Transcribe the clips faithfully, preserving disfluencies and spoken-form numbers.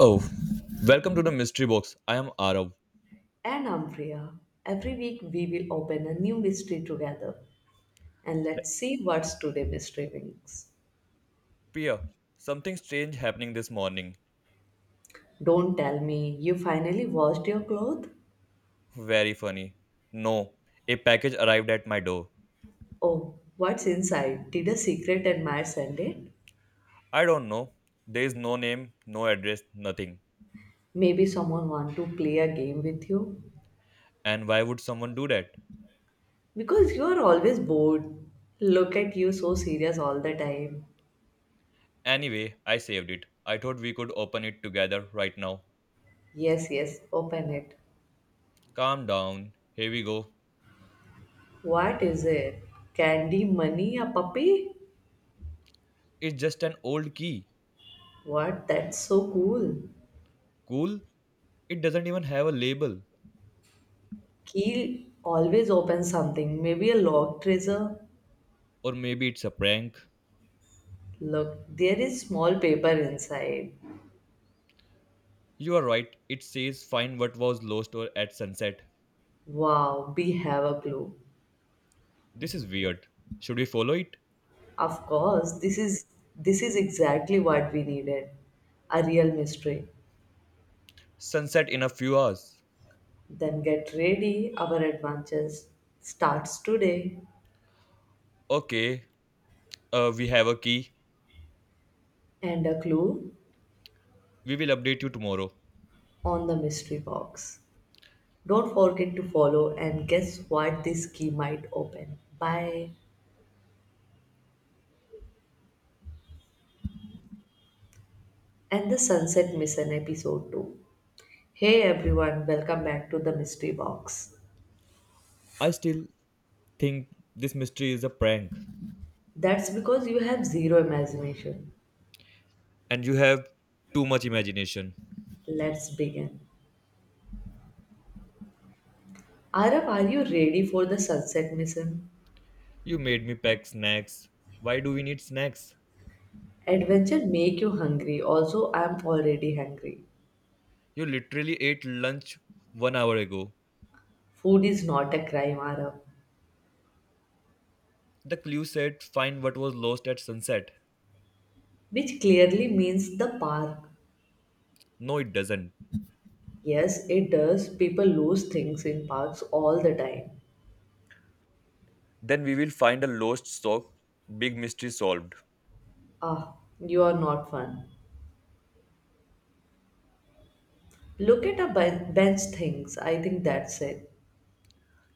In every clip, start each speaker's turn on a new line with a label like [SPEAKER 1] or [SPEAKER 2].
[SPEAKER 1] Oh, welcome to the mystery box. I am Arav.
[SPEAKER 2] And Ampriya, every week we will open a new mystery together and let's see what's today mystery brings.
[SPEAKER 1] Pia, something strange happening this morning.
[SPEAKER 2] Don't tell me you finally washed your clothes?
[SPEAKER 1] Very funny. No, a package arrived at my door.
[SPEAKER 2] Oh, what's inside? Did a secret admirer send it?
[SPEAKER 1] I don't know. There is no name, no address, nothing.
[SPEAKER 2] Maybe someone want to play a game with you?
[SPEAKER 1] And why would someone do that?
[SPEAKER 2] Because you are always bored. Look at you so serious all the time.
[SPEAKER 1] Anyway, I saved it. I thought we could open it together right now.
[SPEAKER 2] Yes, yes, open it.
[SPEAKER 1] Calm down. Here we go.
[SPEAKER 2] What is it? Candy, money, a puppy?
[SPEAKER 1] It's just an old key.
[SPEAKER 2] What? That's so cool.
[SPEAKER 1] Cool? It doesn't even have a label.
[SPEAKER 2] Keel always opens something, maybe a locked treasure.
[SPEAKER 1] Or maybe it's a prank.
[SPEAKER 2] Look, there is small paper inside.
[SPEAKER 1] You are right. It says find what was lost or at sunset.
[SPEAKER 2] Wow, we have a clue.
[SPEAKER 1] This is weird. Should we follow it?
[SPEAKER 2] Of course, this is this is exactly what we needed. A real mystery.
[SPEAKER 1] Sunset in a few hours.
[SPEAKER 2] Then get ready, our adventures starts today.
[SPEAKER 1] Okay, uh, we have a key.
[SPEAKER 2] And a clue
[SPEAKER 1] We will update you tomorrow.
[SPEAKER 2] on the mystery box. Don't forget to follow and guess what this key might open. Bye. And the Sunset Mission Episode two. Hey everyone, welcome back to the Mystery Box.
[SPEAKER 1] I still think this mystery is a prank.
[SPEAKER 2] That's because you have zero imagination.
[SPEAKER 1] And you have too much imagination.
[SPEAKER 2] Let's begin. Arab, are you ready for the Sunset Mission?
[SPEAKER 1] You made me pack snacks. Why do we need snacks?
[SPEAKER 2] Adventure make you hungry. Also, I am already hungry.
[SPEAKER 1] You literally ate lunch one hour ago.
[SPEAKER 2] Food is not a crime, Arab,
[SPEAKER 1] The clue said find what was lost at sunset.
[SPEAKER 2] which clearly means the park.
[SPEAKER 1] No, it doesn't.
[SPEAKER 2] Yes, it does. People lose things in parks all the time.
[SPEAKER 1] Then we will find a lost sock. Big mystery solved.
[SPEAKER 2] Ah, you are not fun. Look at a ben- bench things. I think that's it.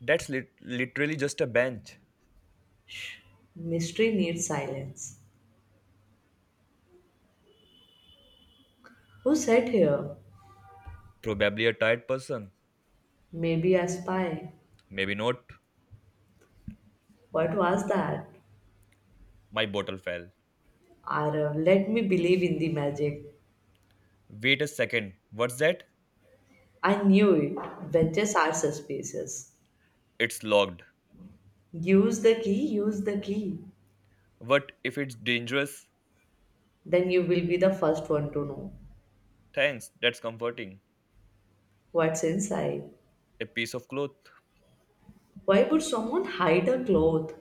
[SPEAKER 1] That's lit- literally just a bench.
[SPEAKER 2] Mystery needs silence. Who sat here?
[SPEAKER 1] Probably a tired person.
[SPEAKER 2] Maybe a spy.
[SPEAKER 1] Maybe not.
[SPEAKER 2] What was that?
[SPEAKER 1] My bottle fell.
[SPEAKER 2] Or uh, Let me believe in the magic.
[SPEAKER 1] Wait a second. What's that?
[SPEAKER 2] I knew it. Benches are suspicious.
[SPEAKER 1] It's locked.
[SPEAKER 2] Use the key, use the key.
[SPEAKER 1] What if it's dangerous?
[SPEAKER 2] Then you will be the first one to know
[SPEAKER 1] Thanks. That's comforting.
[SPEAKER 2] what's inside.
[SPEAKER 1] A piece of cloth
[SPEAKER 2] Why would someone hide a cloth?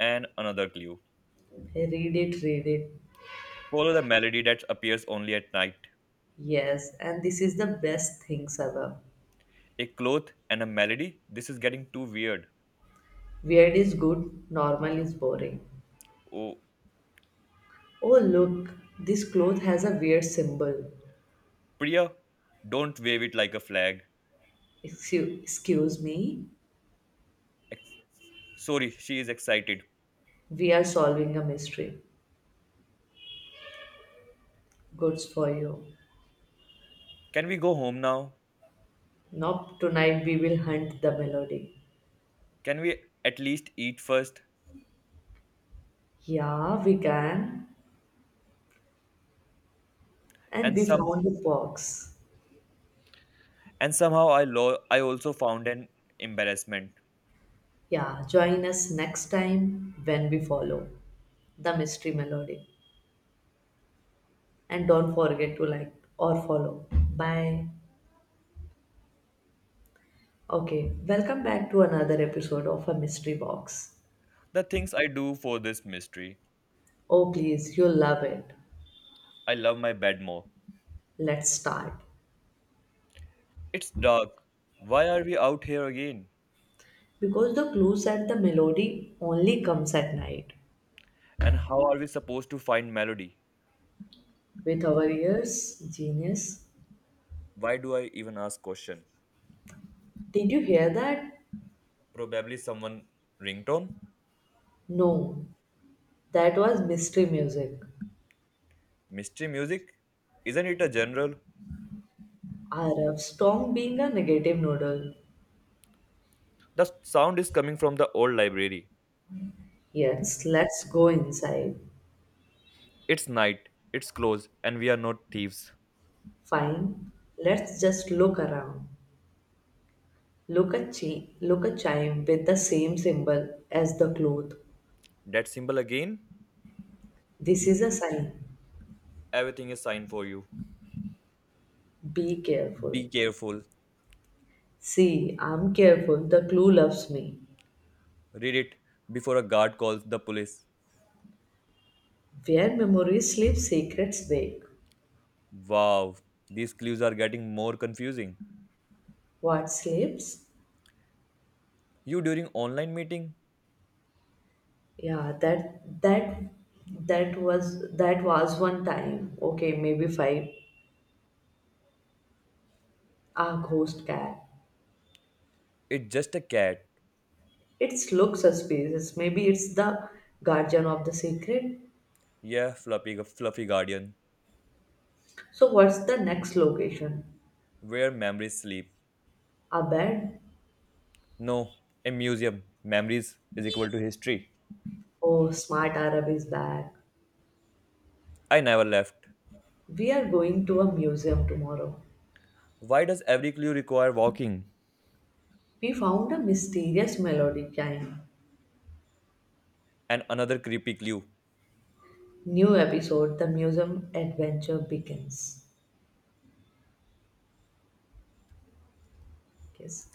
[SPEAKER 1] and another clue.
[SPEAKER 2] Read it, read it.
[SPEAKER 1] Follow the melody that appears only at night.
[SPEAKER 2] Yes, and this is the best things ever.
[SPEAKER 1] A cloth and a melody? This is getting too weird.
[SPEAKER 2] Weird is good, normal is boring.
[SPEAKER 1] Oh,
[SPEAKER 2] Oh, look, this cloth has a weird symbol.
[SPEAKER 1] Priya, don't wave it like a flag.
[SPEAKER 2] Excuse, excuse me.
[SPEAKER 1] Ex- Sorry, she is excited.
[SPEAKER 2] We are solving a mystery. Goods for you.
[SPEAKER 1] Can we go home now?
[SPEAKER 2] Nope, tonight we will hunt the melody.
[SPEAKER 1] Can we at least eat first?
[SPEAKER 2] Yeah, we can. And
[SPEAKER 1] And
[SPEAKER 2] we
[SPEAKER 1] some
[SPEAKER 2] found the box.
[SPEAKER 1] And somehow I lo- I also found an embarrassment.
[SPEAKER 2] Yeah, join us next time when we follow the mystery melody. And don't forget to like or follow. Bye. Okay, welcome back to another episode of A Mystery Box.
[SPEAKER 1] The things I do for this mystery.
[SPEAKER 2] Oh, please, you'll love it.
[SPEAKER 1] I love my bed more.
[SPEAKER 2] Let's start.
[SPEAKER 1] It's dark. Why are we out here again?
[SPEAKER 2] Because the clue said the melody only comes at night.
[SPEAKER 1] And how are we supposed to find melody?
[SPEAKER 2] With our ears. Genius.
[SPEAKER 1] Why do I even ask question?
[SPEAKER 2] Did you hear that?
[SPEAKER 1] Probably someone ringtone?
[SPEAKER 2] No, that was mystery music.
[SPEAKER 1] Mystery music? Isn't it a general?
[SPEAKER 2] Arab strong being a negative noodle.
[SPEAKER 1] The sound is coming from the old library.
[SPEAKER 2] Yes, let's go inside.
[SPEAKER 1] It's night, it's closed, and we are not thieves.
[SPEAKER 2] Fine, let's just look around. Look at chi- look a chime with the same symbol as the cloth.
[SPEAKER 1] That symbol again?
[SPEAKER 2] This is a sign.
[SPEAKER 1] Everything is signed for you.
[SPEAKER 2] Be careful.
[SPEAKER 1] Be careful.
[SPEAKER 2] See, I'm careful. The clue loves me.
[SPEAKER 1] Read it before a guard calls the police.
[SPEAKER 2] Where memory sleeps, secrets wake.
[SPEAKER 1] Wow, these clues are getting more confusing.
[SPEAKER 2] What sleeps?
[SPEAKER 1] You during online meeting?
[SPEAKER 2] Yeah, that that that was that was one time. Okay, maybe five. A ghost cat.
[SPEAKER 1] It's just a cat.
[SPEAKER 2] It's looks suspicious. Maybe it's the guardian of the secret.
[SPEAKER 1] Yeah, fluffy, fluffy guardian.
[SPEAKER 2] So what's the next location?
[SPEAKER 1] Where memories sleep.
[SPEAKER 2] A bed?
[SPEAKER 1] No, a museum. Memories is equal to history.
[SPEAKER 2] Oh, smart Arab is back.
[SPEAKER 1] I never left.
[SPEAKER 2] We are going to a museum tomorrow.
[SPEAKER 1] Why does every clue require walking?
[SPEAKER 2] We found a mysterious melody chime.
[SPEAKER 1] And another creepy clue.
[SPEAKER 2] New episode, the museum adventure begins. Yes.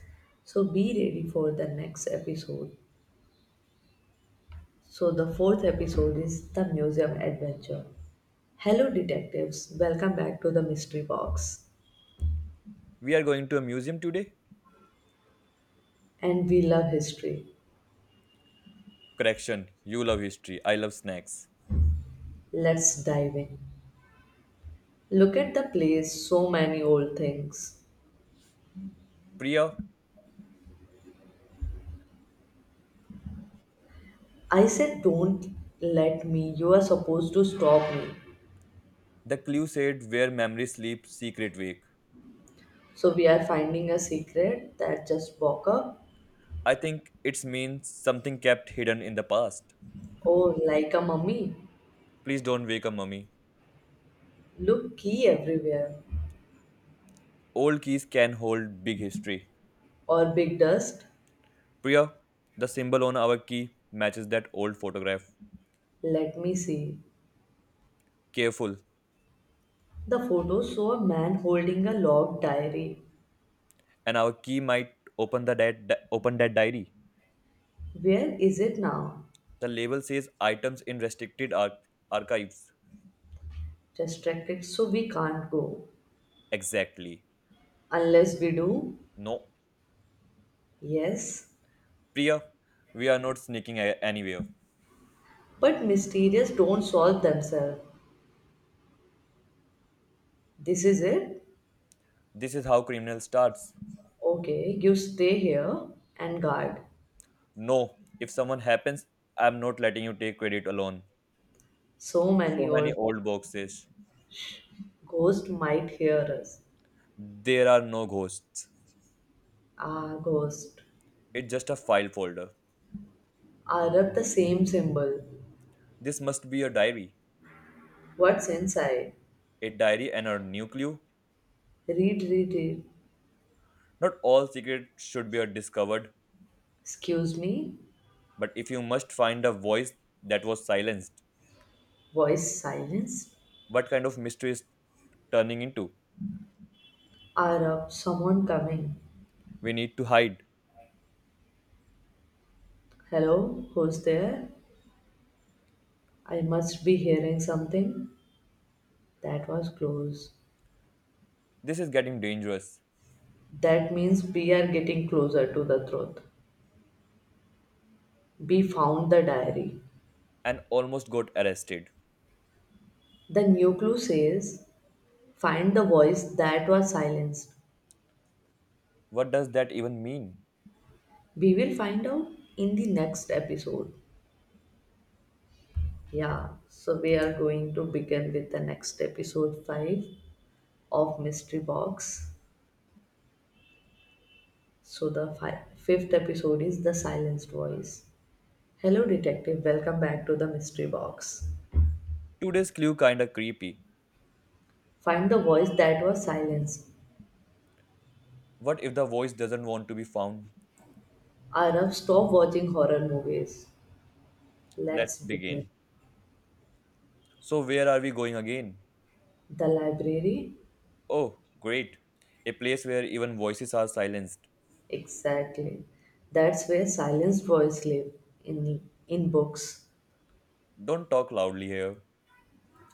[SPEAKER 2] So be ready for the next episode. So, the fourth episode is The Museum Adventure. Hello, detectives. Welcome back to the Mystery Box.
[SPEAKER 1] We are going to a museum today?
[SPEAKER 2] And we love history.
[SPEAKER 1] Correction, you love history. I love snacks.
[SPEAKER 2] Let's dive in. Look at the place, so many old things.
[SPEAKER 1] Priya,
[SPEAKER 2] I said, Don't let me. You are supposed to stop me.
[SPEAKER 1] the clue said where memory sleep secret week.
[SPEAKER 2] So, we are finding a secret that just woke up.
[SPEAKER 1] I think it means something kept hidden in the past.
[SPEAKER 2] Oh, like a mummy.
[SPEAKER 1] Please don't wake up, mummy.
[SPEAKER 2] Look, key everywhere.
[SPEAKER 1] Old keys can hold big history.
[SPEAKER 2] Or big dust.
[SPEAKER 1] Priya, the symbol on our key matches that old photograph.
[SPEAKER 2] Let me see.
[SPEAKER 1] Careful,
[SPEAKER 2] The photos show a man holding a log diary.
[SPEAKER 1] and our key might open the di- di- open that diary.
[SPEAKER 2] Where is it now?
[SPEAKER 1] The label says items in restricted ar- archives.
[SPEAKER 2] Distracted, so we can't go.
[SPEAKER 1] Exactly.
[SPEAKER 2] Unless we do.
[SPEAKER 1] No,
[SPEAKER 2] Yes.
[SPEAKER 1] Priya, we are not sneaking a- anywhere.
[SPEAKER 2] But mysterious don't solve themselves. This is it?
[SPEAKER 1] This is how criminal starts.
[SPEAKER 2] Okay, you stay here and guard.
[SPEAKER 1] No, if someone happens, I'm not letting you take credit alone.
[SPEAKER 2] So many
[SPEAKER 1] So many
[SPEAKER 2] old
[SPEAKER 1] old boxes.
[SPEAKER 2] ghost might hear us.
[SPEAKER 1] There are no ghosts.
[SPEAKER 2] Ah, ghost.
[SPEAKER 1] It's just a file folder.
[SPEAKER 2] Are up the same symbol.
[SPEAKER 1] This must be a diary.
[SPEAKER 2] What's inside?
[SPEAKER 1] A diary and a new clue.
[SPEAKER 2] Read, read, read.
[SPEAKER 1] Not all secrets should be discovered,
[SPEAKER 2] Excuse me.
[SPEAKER 1] but if you must find a voice that was silenced,
[SPEAKER 2] Voice silenced.
[SPEAKER 1] what kind of mystery is turning into?
[SPEAKER 2] Are up someone coming.
[SPEAKER 1] We need to hide.
[SPEAKER 2] Hello, who's there? I must be hearing something. That was close.
[SPEAKER 1] This is getting dangerous.
[SPEAKER 2] That means we are getting closer to the truth. We found the diary.
[SPEAKER 1] And almost got arrested.
[SPEAKER 2] The new clue says find the voice that was silenced.
[SPEAKER 1] What does that even mean?
[SPEAKER 2] We will find out in the next episode. Yeah, so we are going to begin with the next episode five of Mystery Box. So the fi- fifth episode is the silenced voice. Hello, detective. Welcome back to the mystery box.
[SPEAKER 1] Today's clue kinda creepy.
[SPEAKER 2] Find the voice that was silenced.
[SPEAKER 1] What if the voice doesn't want to be found?
[SPEAKER 2] Arav, stop watching horror movies.
[SPEAKER 1] Let's
[SPEAKER 2] Let's begin.
[SPEAKER 1] begin. So where are we going again?
[SPEAKER 2] The library?
[SPEAKER 1] Oh, great. A place where even voices are silenced.
[SPEAKER 2] Exactly. That's where silenced boys live in in books.
[SPEAKER 1] Don't talk loudly here.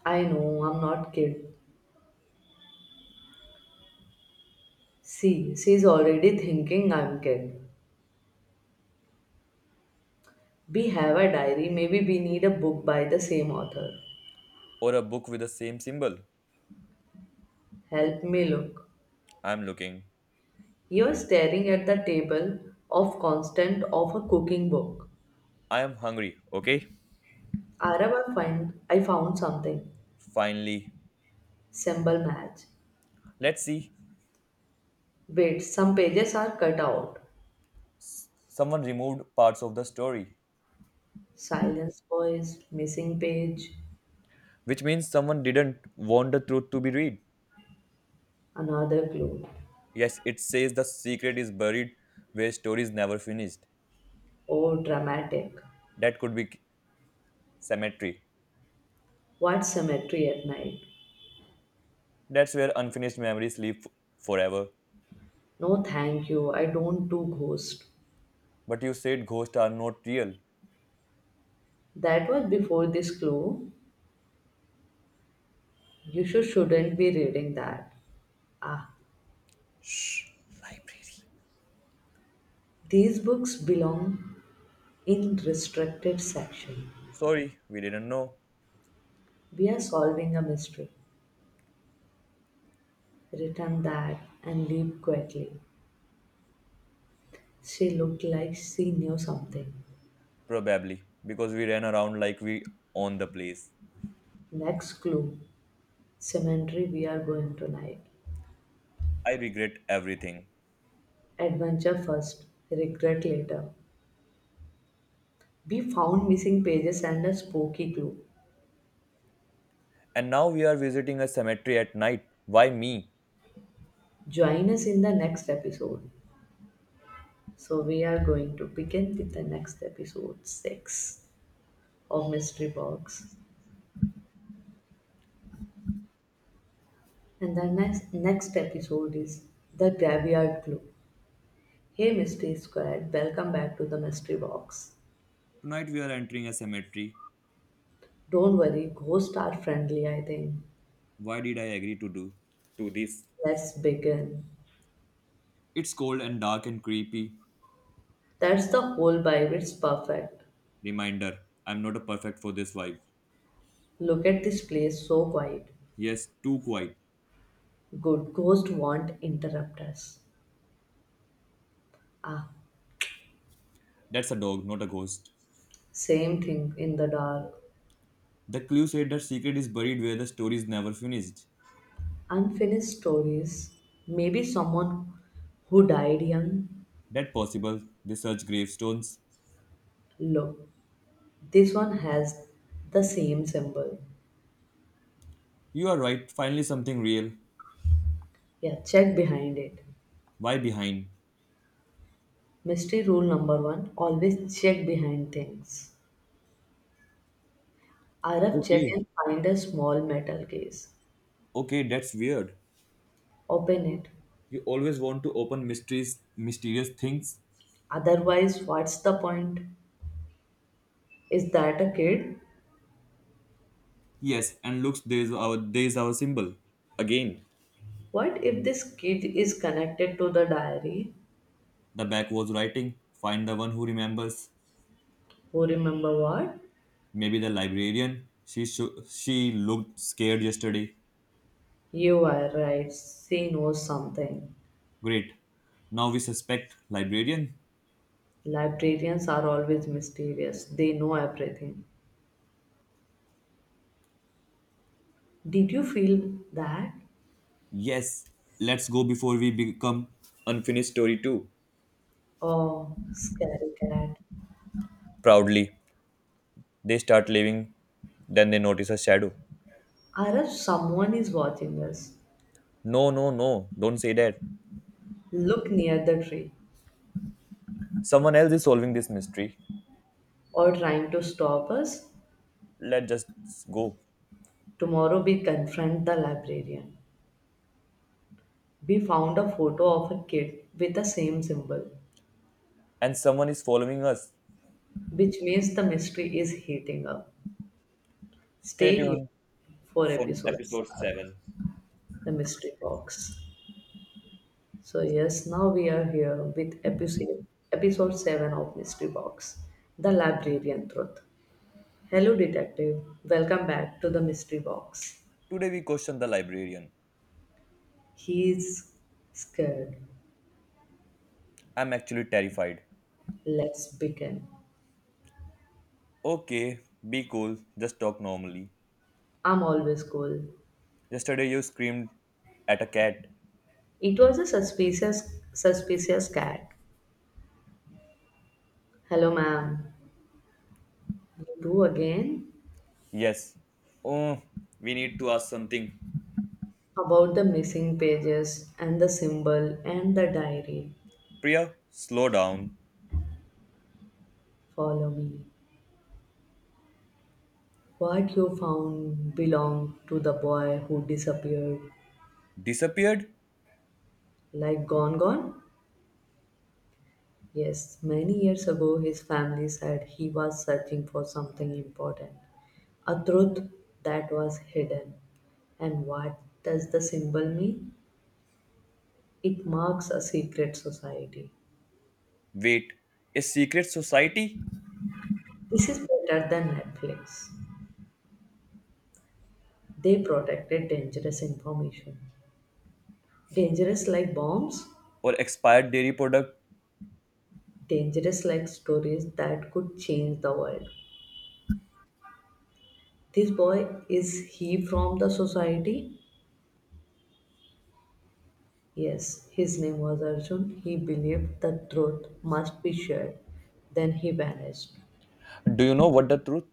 [SPEAKER 2] I know, I'm not kid. See, she's already thinking I'm kid. We have a diary, maybe we need a book by the same author.
[SPEAKER 1] Or a book with the same symbol.
[SPEAKER 2] Help me look.
[SPEAKER 1] I'm looking.
[SPEAKER 2] You're staring at the table of constant of a cooking book.
[SPEAKER 1] I am hungry, okay?
[SPEAKER 2] Arab, I find I found something.
[SPEAKER 1] Finally.
[SPEAKER 2] Symbol match.
[SPEAKER 1] Let's see.
[SPEAKER 2] Wait, some pages are cut out.
[SPEAKER 1] S- Someone removed parts of the story.
[SPEAKER 2] Silence voice, missing page,
[SPEAKER 1] Which means someone didn't want the truth to be read.
[SPEAKER 2] another clue.
[SPEAKER 1] Yes, it says the secret is buried where stories never finished.
[SPEAKER 2] Oh, dramatic.
[SPEAKER 1] That could be cemetery.
[SPEAKER 2] What cemetery at night?
[SPEAKER 1] That's where unfinished memories live f- forever.
[SPEAKER 2] No, thank you. I don't do ghost.
[SPEAKER 1] But you said ghosts are not real.
[SPEAKER 2] That was before this clue. You sure shouldn't be reading that. Ah,
[SPEAKER 1] Shh, library.
[SPEAKER 2] these books belong in restricted section.
[SPEAKER 1] Sorry, we didn't know.
[SPEAKER 2] We are solving a mystery. Return that and leave quickly. She looked like she knew something.
[SPEAKER 1] Probably because we ran around like we own the place.
[SPEAKER 2] Next clue. Cemetery we are going tonight.
[SPEAKER 1] I regret everything.
[SPEAKER 2] Adventure first, regret later. We found missing pages and a spooky clue.
[SPEAKER 1] And now we are visiting a cemetery at night. Why me?
[SPEAKER 2] Join us in the next episode. So we are going to begin with the next episode six of Mystery Box. And the next next episode is The Graveyard Clue. Hey Mystery Squad, welcome back to the Mystery Box.
[SPEAKER 1] Tonight we are entering a cemetery.
[SPEAKER 2] Don't worry, ghosts are friendly, I think.
[SPEAKER 1] Why did I agree to do to this?
[SPEAKER 2] Let's begin.
[SPEAKER 1] It's cold and dark and creepy.
[SPEAKER 2] That's the whole vibe, it's perfect.
[SPEAKER 1] Reminder, I'm not a perfect for this vibe.
[SPEAKER 2] Look at this place, so quiet.
[SPEAKER 1] Yes, too quiet.
[SPEAKER 2] Good ghost won't interrupt us. Ah,
[SPEAKER 1] That's a dog, not a ghost.
[SPEAKER 2] same thing in the dark.
[SPEAKER 1] The clue said that secret is buried where the story is never finished.
[SPEAKER 2] Unfinished stories. Maybe someone who died young.
[SPEAKER 1] That possible. They search gravestones.
[SPEAKER 2] Look, this one has the same symbol.
[SPEAKER 1] You are right, finally something real.
[SPEAKER 2] Yeah, check behind it.
[SPEAKER 1] Why behind?
[SPEAKER 2] Mystery rule number one always check behind things. R F check
[SPEAKER 1] Okay,
[SPEAKER 2] and find a small metal case.
[SPEAKER 1] okay, that's weird.
[SPEAKER 2] Open it.
[SPEAKER 1] You always want to open mysteries, mysterious things.
[SPEAKER 2] Otherwise, what's the point? Is that a kid?
[SPEAKER 1] Yes, and looks, there's our there's our symbol. Again,
[SPEAKER 2] What if this kid is connected to the diary?
[SPEAKER 1] the back was writing. Find the one who remembers.
[SPEAKER 2] Who remember what?
[SPEAKER 1] Maybe the librarian. She sho- she looked scared yesterday.
[SPEAKER 2] You are right. She knows something.
[SPEAKER 1] Great. Now we suspect librarian.
[SPEAKER 2] Librarians are always mysterious. They know everything. Did you feel that?
[SPEAKER 1] Yes, let's go before we become unfinished story too.
[SPEAKER 2] Oh, scary cat.
[SPEAKER 1] Proudly, they start leaving. Then they notice a shadow.
[SPEAKER 2] Or someone is watching us,
[SPEAKER 1] No, no, no! Don't say that.
[SPEAKER 2] look near the tree
[SPEAKER 1] Someone else is solving this mystery.
[SPEAKER 2] or trying to stop us.
[SPEAKER 1] Let's just go.
[SPEAKER 2] Tomorrow we confront the librarian. We found a photo of a kid with the same symbol,
[SPEAKER 1] And someone is following us.
[SPEAKER 2] which means the mystery is heating up.
[SPEAKER 1] Stay
[SPEAKER 2] Stay
[SPEAKER 1] tuned
[SPEAKER 2] tuned for
[SPEAKER 1] for
[SPEAKER 2] episodes
[SPEAKER 1] episode
[SPEAKER 2] are
[SPEAKER 1] seven.
[SPEAKER 2] the mystery box. So yes, now we are here with episode episode seven of Mystery Box, the librarian truth. Hello, detective. Welcome back to the mystery box.
[SPEAKER 1] Today we question the librarian.
[SPEAKER 2] He's scared.
[SPEAKER 1] I'm actually terrified.
[SPEAKER 2] Let's begin.
[SPEAKER 1] Okay, be cool. Just talk normally.
[SPEAKER 2] I'm always cool.
[SPEAKER 1] Yesterday you screamed at a cat.
[SPEAKER 2] It was a suspicious, suspicious cat. Hello, ma'am. You do again?
[SPEAKER 1] Yes. Oh, we need to ask something.
[SPEAKER 2] About the missing pages and the symbol and the diary.
[SPEAKER 1] Priya, slow down.
[SPEAKER 2] Follow me. What you found belonged to the boy who disappeared.
[SPEAKER 1] Disappeared?
[SPEAKER 2] Like Gone Gone? Yes, many years ago his family said he was searching for something important, a truth that was hidden. And what does the symbol mean? It marks a secret society.
[SPEAKER 1] Wait, a secret society?
[SPEAKER 2] This is better than Netflix. They protected dangerous information. Dangerous like bombs,
[SPEAKER 1] Or expired dairy product?
[SPEAKER 2] dangerous like stories that could change the world. This boy, is he from the society? Yes, his name was Arjun. He believed the truth must be shared. Then he vanished.
[SPEAKER 1] Do you know what the truth?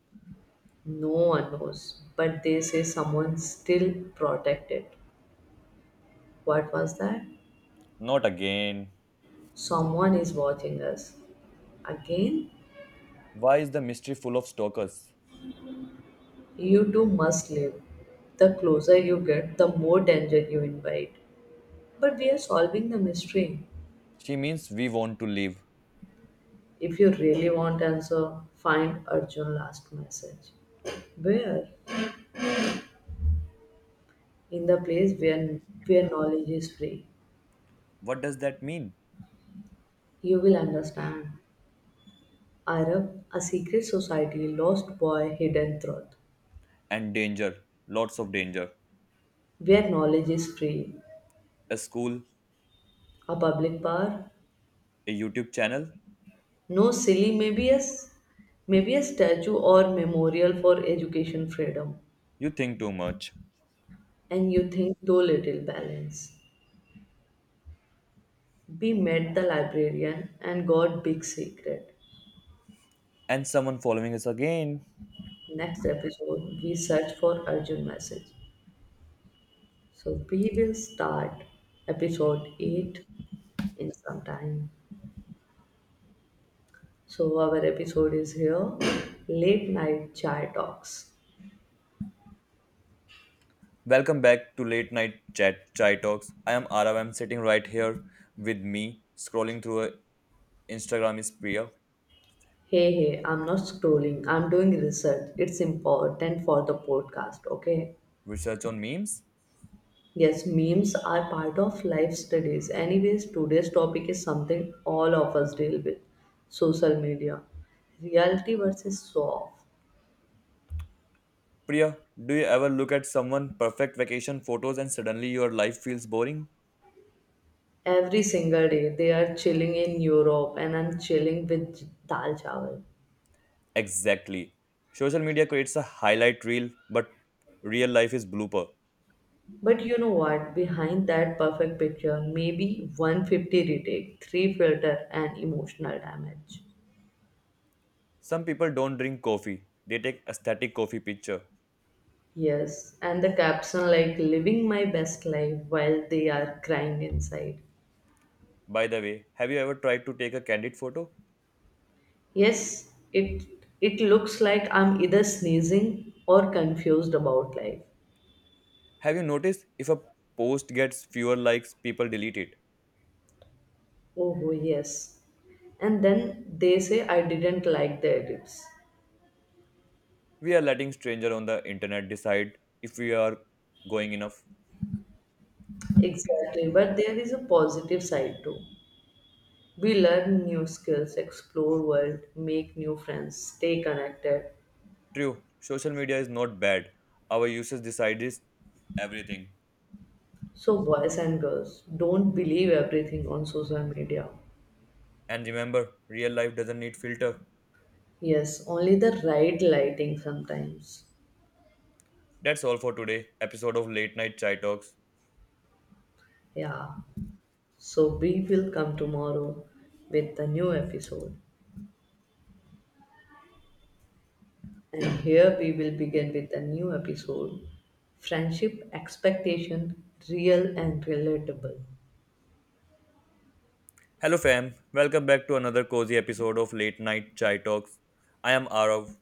[SPEAKER 2] No one knows, but they say someone still protected. What was that?
[SPEAKER 1] Not again.
[SPEAKER 2] Someone is watching us. Again,
[SPEAKER 1] Why is the mystery full of stalkers?
[SPEAKER 2] you two must live. The closer you get, the more danger you invite. But we are solving the mystery.
[SPEAKER 1] She means we want to leave.
[SPEAKER 2] If you really want answer, find Arjun last message. Where? In the place where, where knowledge is free.
[SPEAKER 1] What does that mean?
[SPEAKER 2] You will understand. Arab, a secret society, lost boy, hidden truth.
[SPEAKER 1] And danger, lots of danger.
[SPEAKER 2] Where knowledge is free,
[SPEAKER 1] A school,
[SPEAKER 2] a public power.
[SPEAKER 1] a YouTube channel?
[SPEAKER 2] No silly, maybe a, s- maybe a statue or memorial for education freedom.
[SPEAKER 1] You think too much.
[SPEAKER 2] And you think though little balance. We met the librarian and got big secret.
[SPEAKER 1] And someone following us again.
[SPEAKER 2] Next episode, we search for Arjun message. So we will start episode eight in some time. So our episode is here Late Night Chai Talks.
[SPEAKER 1] Welcome back to Late Night Chat Chai Talks. I am Arav. I'm sitting right here with me, scrolling through a- Instagram is Priya.
[SPEAKER 2] Hey, hey, I'm not scrolling, I'm doing research. It's important for the podcast, okay?
[SPEAKER 1] Research on memes?
[SPEAKER 2] Yes, memes are part of life studies. Anyways, today's topic is something all of us deal with social media. Reality versus soft.
[SPEAKER 1] Priya, do you ever look at someone perfect vacation photos and suddenly your life feels boring?
[SPEAKER 2] Every single day, they are chilling in Europe, and I'm chilling with dal chawal.
[SPEAKER 1] Exactly. Social media creates a highlight reel, but real life is blooper.
[SPEAKER 2] But you know what? Behind that perfect picture, maybe a hundred fifty retake, three filter, and emotional damage.
[SPEAKER 1] Some people don't drink coffee. They take aesthetic coffee picture.
[SPEAKER 2] Yes, and the caption like living my best life while they are crying inside.
[SPEAKER 1] By the way, have you ever tried to take a candid photo?
[SPEAKER 2] Yes, it it looks like I'm either sneezing or confused about life.
[SPEAKER 1] Have you noticed if a post gets fewer likes, people delete it?
[SPEAKER 2] Oh yes. And then they say I didn't like the edits.
[SPEAKER 1] We are letting stranger on the internet decide if we are going enough.
[SPEAKER 2] Exactly, but there is a positive side too. We learn new skills, explore world, make new friends, stay connected.
[SPEAKER 1] True, social media is not bad. Our users decide this everything.
[SPEAKER 2] So boys and girls, don't believe everything on social media.
[SPEAKER 1] And remember, real life doesn't need filter.
[SPEAKER 2] Yes, only the right lighting sometimes.
[SPEAKER 1] That's all for today. Episode of Late Night Chai Talks.
[SPEAKER 2] Yeah. So we will come tomorrow with a new episode. And here we will begin with a new episode. Friendship expectation real and relatable.
[SPEAKER 1] Hello, fam. Welcome back to another cozy episode of Late Night Chai Talks. I am Arav.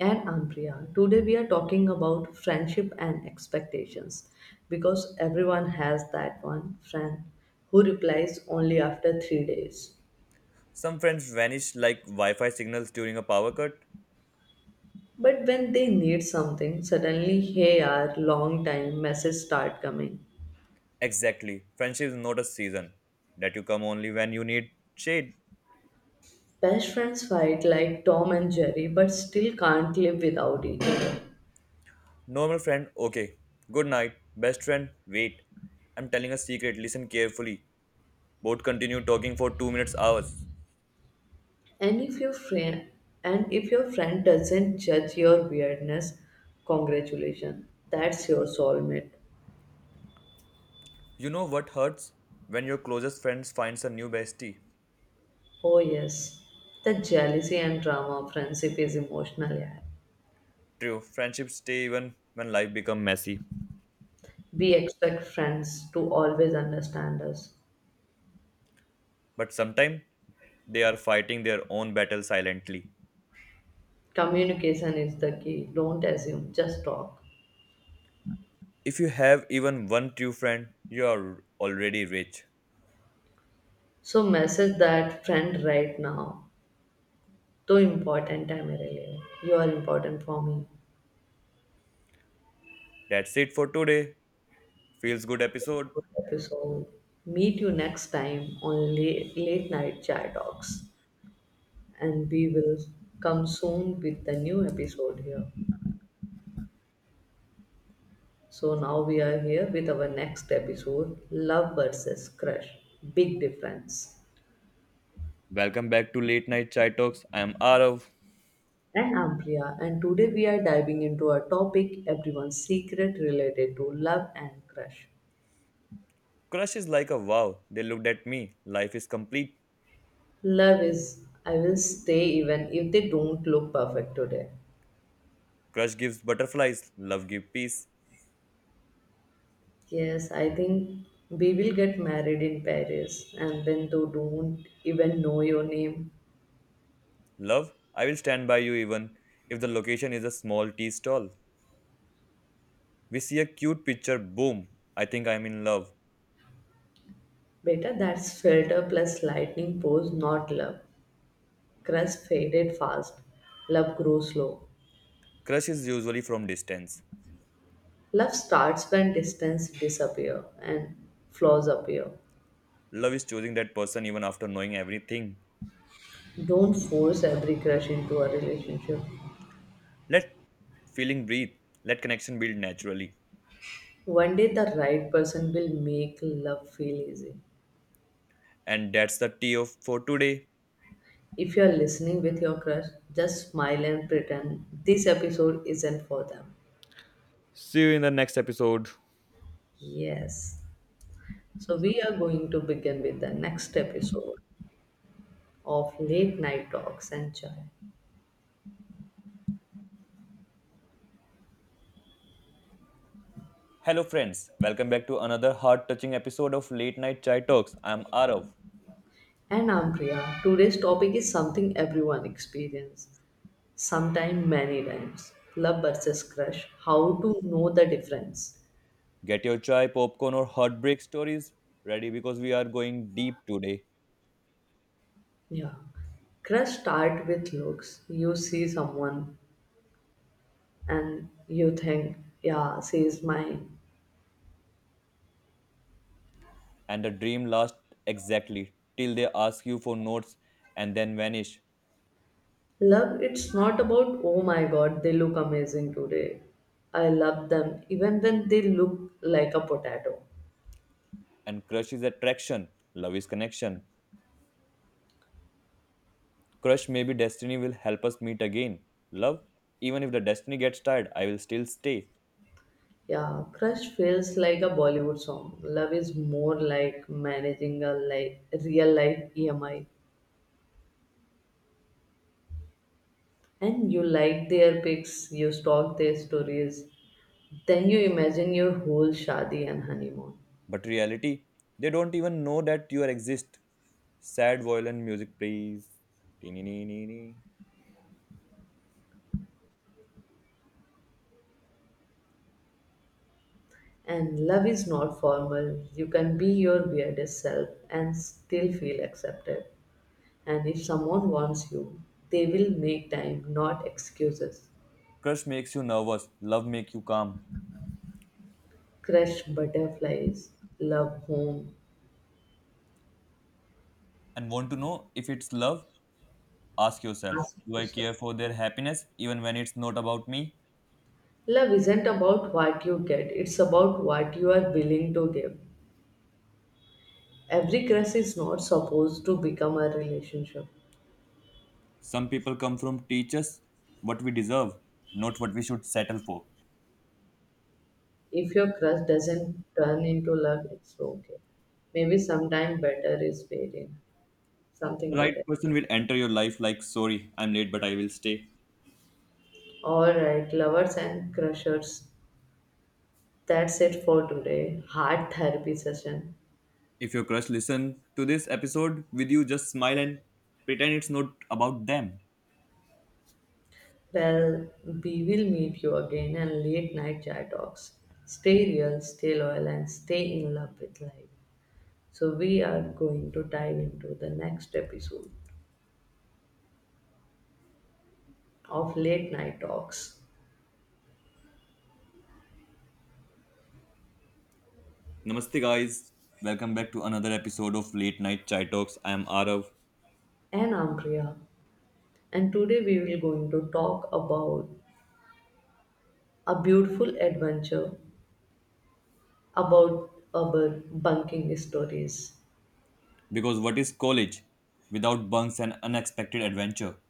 [SPEAKER 2] And Ampriya, today we are talking about friendship and expectations because everyone has that one friend who replies only after three days.
[SPEAKER 1] Some friends vanish like Wi Fi signals during a power cut.
[SPEAKER 2] But when they need something, suddenly, hey, our long time messages start coming.
[SPEAKER 1] Exactly. Friendship is not a season that you come only when you need shade.
[SPEAKER 2] Best friends fight like Tom and Jerry, but still can't live without each other.
[SPEAKER 1] Normal friend, okay. Good night. Best friend, wait. I'm telling a secret, listen carefully. Both continue talking for two minutes hours.
[SPEAKER 2] And if your friend and if your friend doesn't judge your weirdness, congratulations, that's your soulmate.
[SPEAKER 1] You know what hurts? When your closest friends finds a new bestie.
[SPEAKER 2] Oh, yes. The jealousy and drama of friendship is emotional. Yeah.
[SPEAKER 1] True, friendships stay even when life become messy.
[SPEAKER 2] We expect friends to always understand us.
[SPEAKER 1] But sometimes. They are fighting their own battle silently.
[SPEAKER 2] Communication is the key. Don't assume, just talk.
[SPEAKER 1] If you have even one true friend, you are already rich.
[SPEAKER 2] So, message that friend right now. Too important, I'm really. You are important for me.
[SPEAKER 1] That's it for today. Feels good episode.
[SPEAKER 2] Good episode. Meet you next time on late, late night chat talks. And we will come soon with the new episode here. So now we are here with our next episode Love versus Crush Big Difference.
[SPEAKER 1] Welcome back to Late Night Chai Talks. I am Arav.
[SPEAKER 2] And I'm Priya, and today we are diving into a topic everyone's secret related to love and crush.
[SPEAKER 1] Crush is like a wow. They looked at me. Life is complete.
[SPEAKER 2] Love is, I will stay even if they don't look perfect today.
[SPEAKER 1] Crush gives butterflies. Love gives peace.
[SPEAKER 2] Yes, I think we will get married in Paris and when they don't even know your name.
[SPEAKER 1] Love, I will stand by you even if the location is a small tea stall. We see a cute picture. Boom. I think I'm in love.
[SPEAKER 2] Better that's filter plus lightning pose, not love. Crush faded fast, love grows slow.
[SPEAKER 1] Crush is usually from distance.
[SPEAKER 2] Love starts when distance disappear and flaws appear.
[SPEAKER 1] Love is choosing that person even after knowing everything.
[SPEAKER 2] Don't force every crush into a relationship.
[SPEAKER 1] Let feeling breathe, let connection build naturally.
[SPEAKER 2] One day the right person will make love feel easy.
[SPEAKER 1] And that's the tea of for today.
[SPEAKER 2] If you're listening with your crush, just smile and pretend this episode isn't for them.
[SPEAKER 1] See you in the next episode.
[SPEAKER 2] Yes. So we are going to begin with the next episode of Late Night Talks and Chai.
[SPEAKER 1] Hello, friends. Welcome back to another heart touching episode of Late Night Chai Talks. I'm Arav.
[SPEAKER 2] And I'm Priya. Today's topic is something everyone experiences Sometime many times. Love versus crush. How to know the difference?
[SPEAKER 1] Get your chai, popcorn, or heartbreak stories ready because we are going deep today.
[SPEAKER 2] Yeah. Crush start with looks. You see someone and you think, yeah, she is mine.
[SPEAKER 1] And the dream lasts exactly till they ask you for notes and then vanish.
[SPEAKER 2] Love, it's not about, oh my god, they look amazing today. I love them even when they look like a potato.
[SPEAKER 1] And crush is attraction, love is connection. Crush, maybe destiny will help us meet again. Love, even if the destiny gets tired, I will still stay.
[SPEAKER 2] Yeah, crush feels like a Bollywood song. Love is more like managing a like real life E M I. And you like their pics, you stalk their stories, then you imagine your whole shadi and honeymoon.
[SPEAKER 1] But reality, they don't even know that you are exist. Sad violin music please. Tee-nee-nee-nee-nee.
[SPEAKER 2] And love is not formal. You can be your weirdest self and still feel accepted. And if someone wants you, they will make time, not excuses.
[SPEAKER 1] Crush makes you nervous, love makes you calm.
[SPEAKER 2] Crush butterflies, love home,
[SPEAKER 1] And want to know if it's love? Ask yourself,
[SPEAKER 2] ask
[SPEAKER 1] do I
[SPEAKER 2] yourself.
[SPEAKER 1] care for their happiness even when it's not about me?
[SPEAKER 2] Love isn't about what you get, it's about what you are willing to give. Every crush is not supposed to become a relationship.
[SPEAKER 1] Some people come from teachers, what we deserve, not what we should settle for.
[SPEAKER 2] If your crush doesn't turn into love, it's okay. Maybe sometime better is waiting.
[SPEAKER 1] The
[SPEAKER 2] Something
[SPEAKER 1] right
[SPEAKER 2] better.
[SPEAKER 1] person will enter your life like, sorry, I'm late, but I will stay.
[SPEAKER 2] Alright, lovers and crushers. That's it for today. Heart therapy session.
[SPEAKER 1] If your crush listen to this episode with you, just smile and pretend it's not about them.
[SPEAKER 2] Well, we will meet you again in late night chat talks. Stay real, stay loyal, and stay in love with life. So, we are going to dive into the next episode of Late Night Talks
[SPEAKER 1] Namaste guys. Welcome back to another episode of Late Night Chai Talks. I am Arav.
[SPEAKER 2] and Ampriya. And today we will going to talk about a beautiful adventure about our bunking stories.
[SPEAKER 1] Because what is college without bunks and unexpected adventure?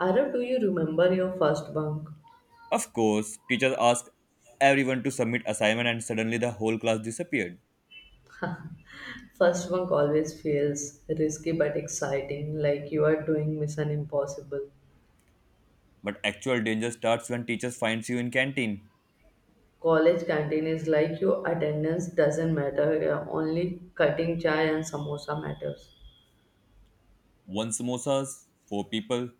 [SPEAKER 2] Ara, do you remember your first bunk?
[SPEAKER 1] Of course, teachers ask everyone to submit assignment and suddenly the whole class disappeared.
[SPEAKER 2] First bunk always feels risky but exciting, like you are doing Mission Impossible.
[SPEAKER 1] But actual danger starts when teachers finds you in canteen.
[SPEAKER 2] College canteen is like your attendance doesn't matter, yeah, only cutting chai and samosa matters.
[SPEAKER 1] One samosas, four people,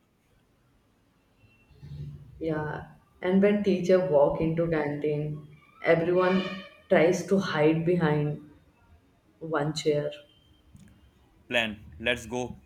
[SPEAKER 2] Yeah, and when teacher walk into canteen, everyone tries to hide behind one chair.
[SPEAKER 1] plan, let's go.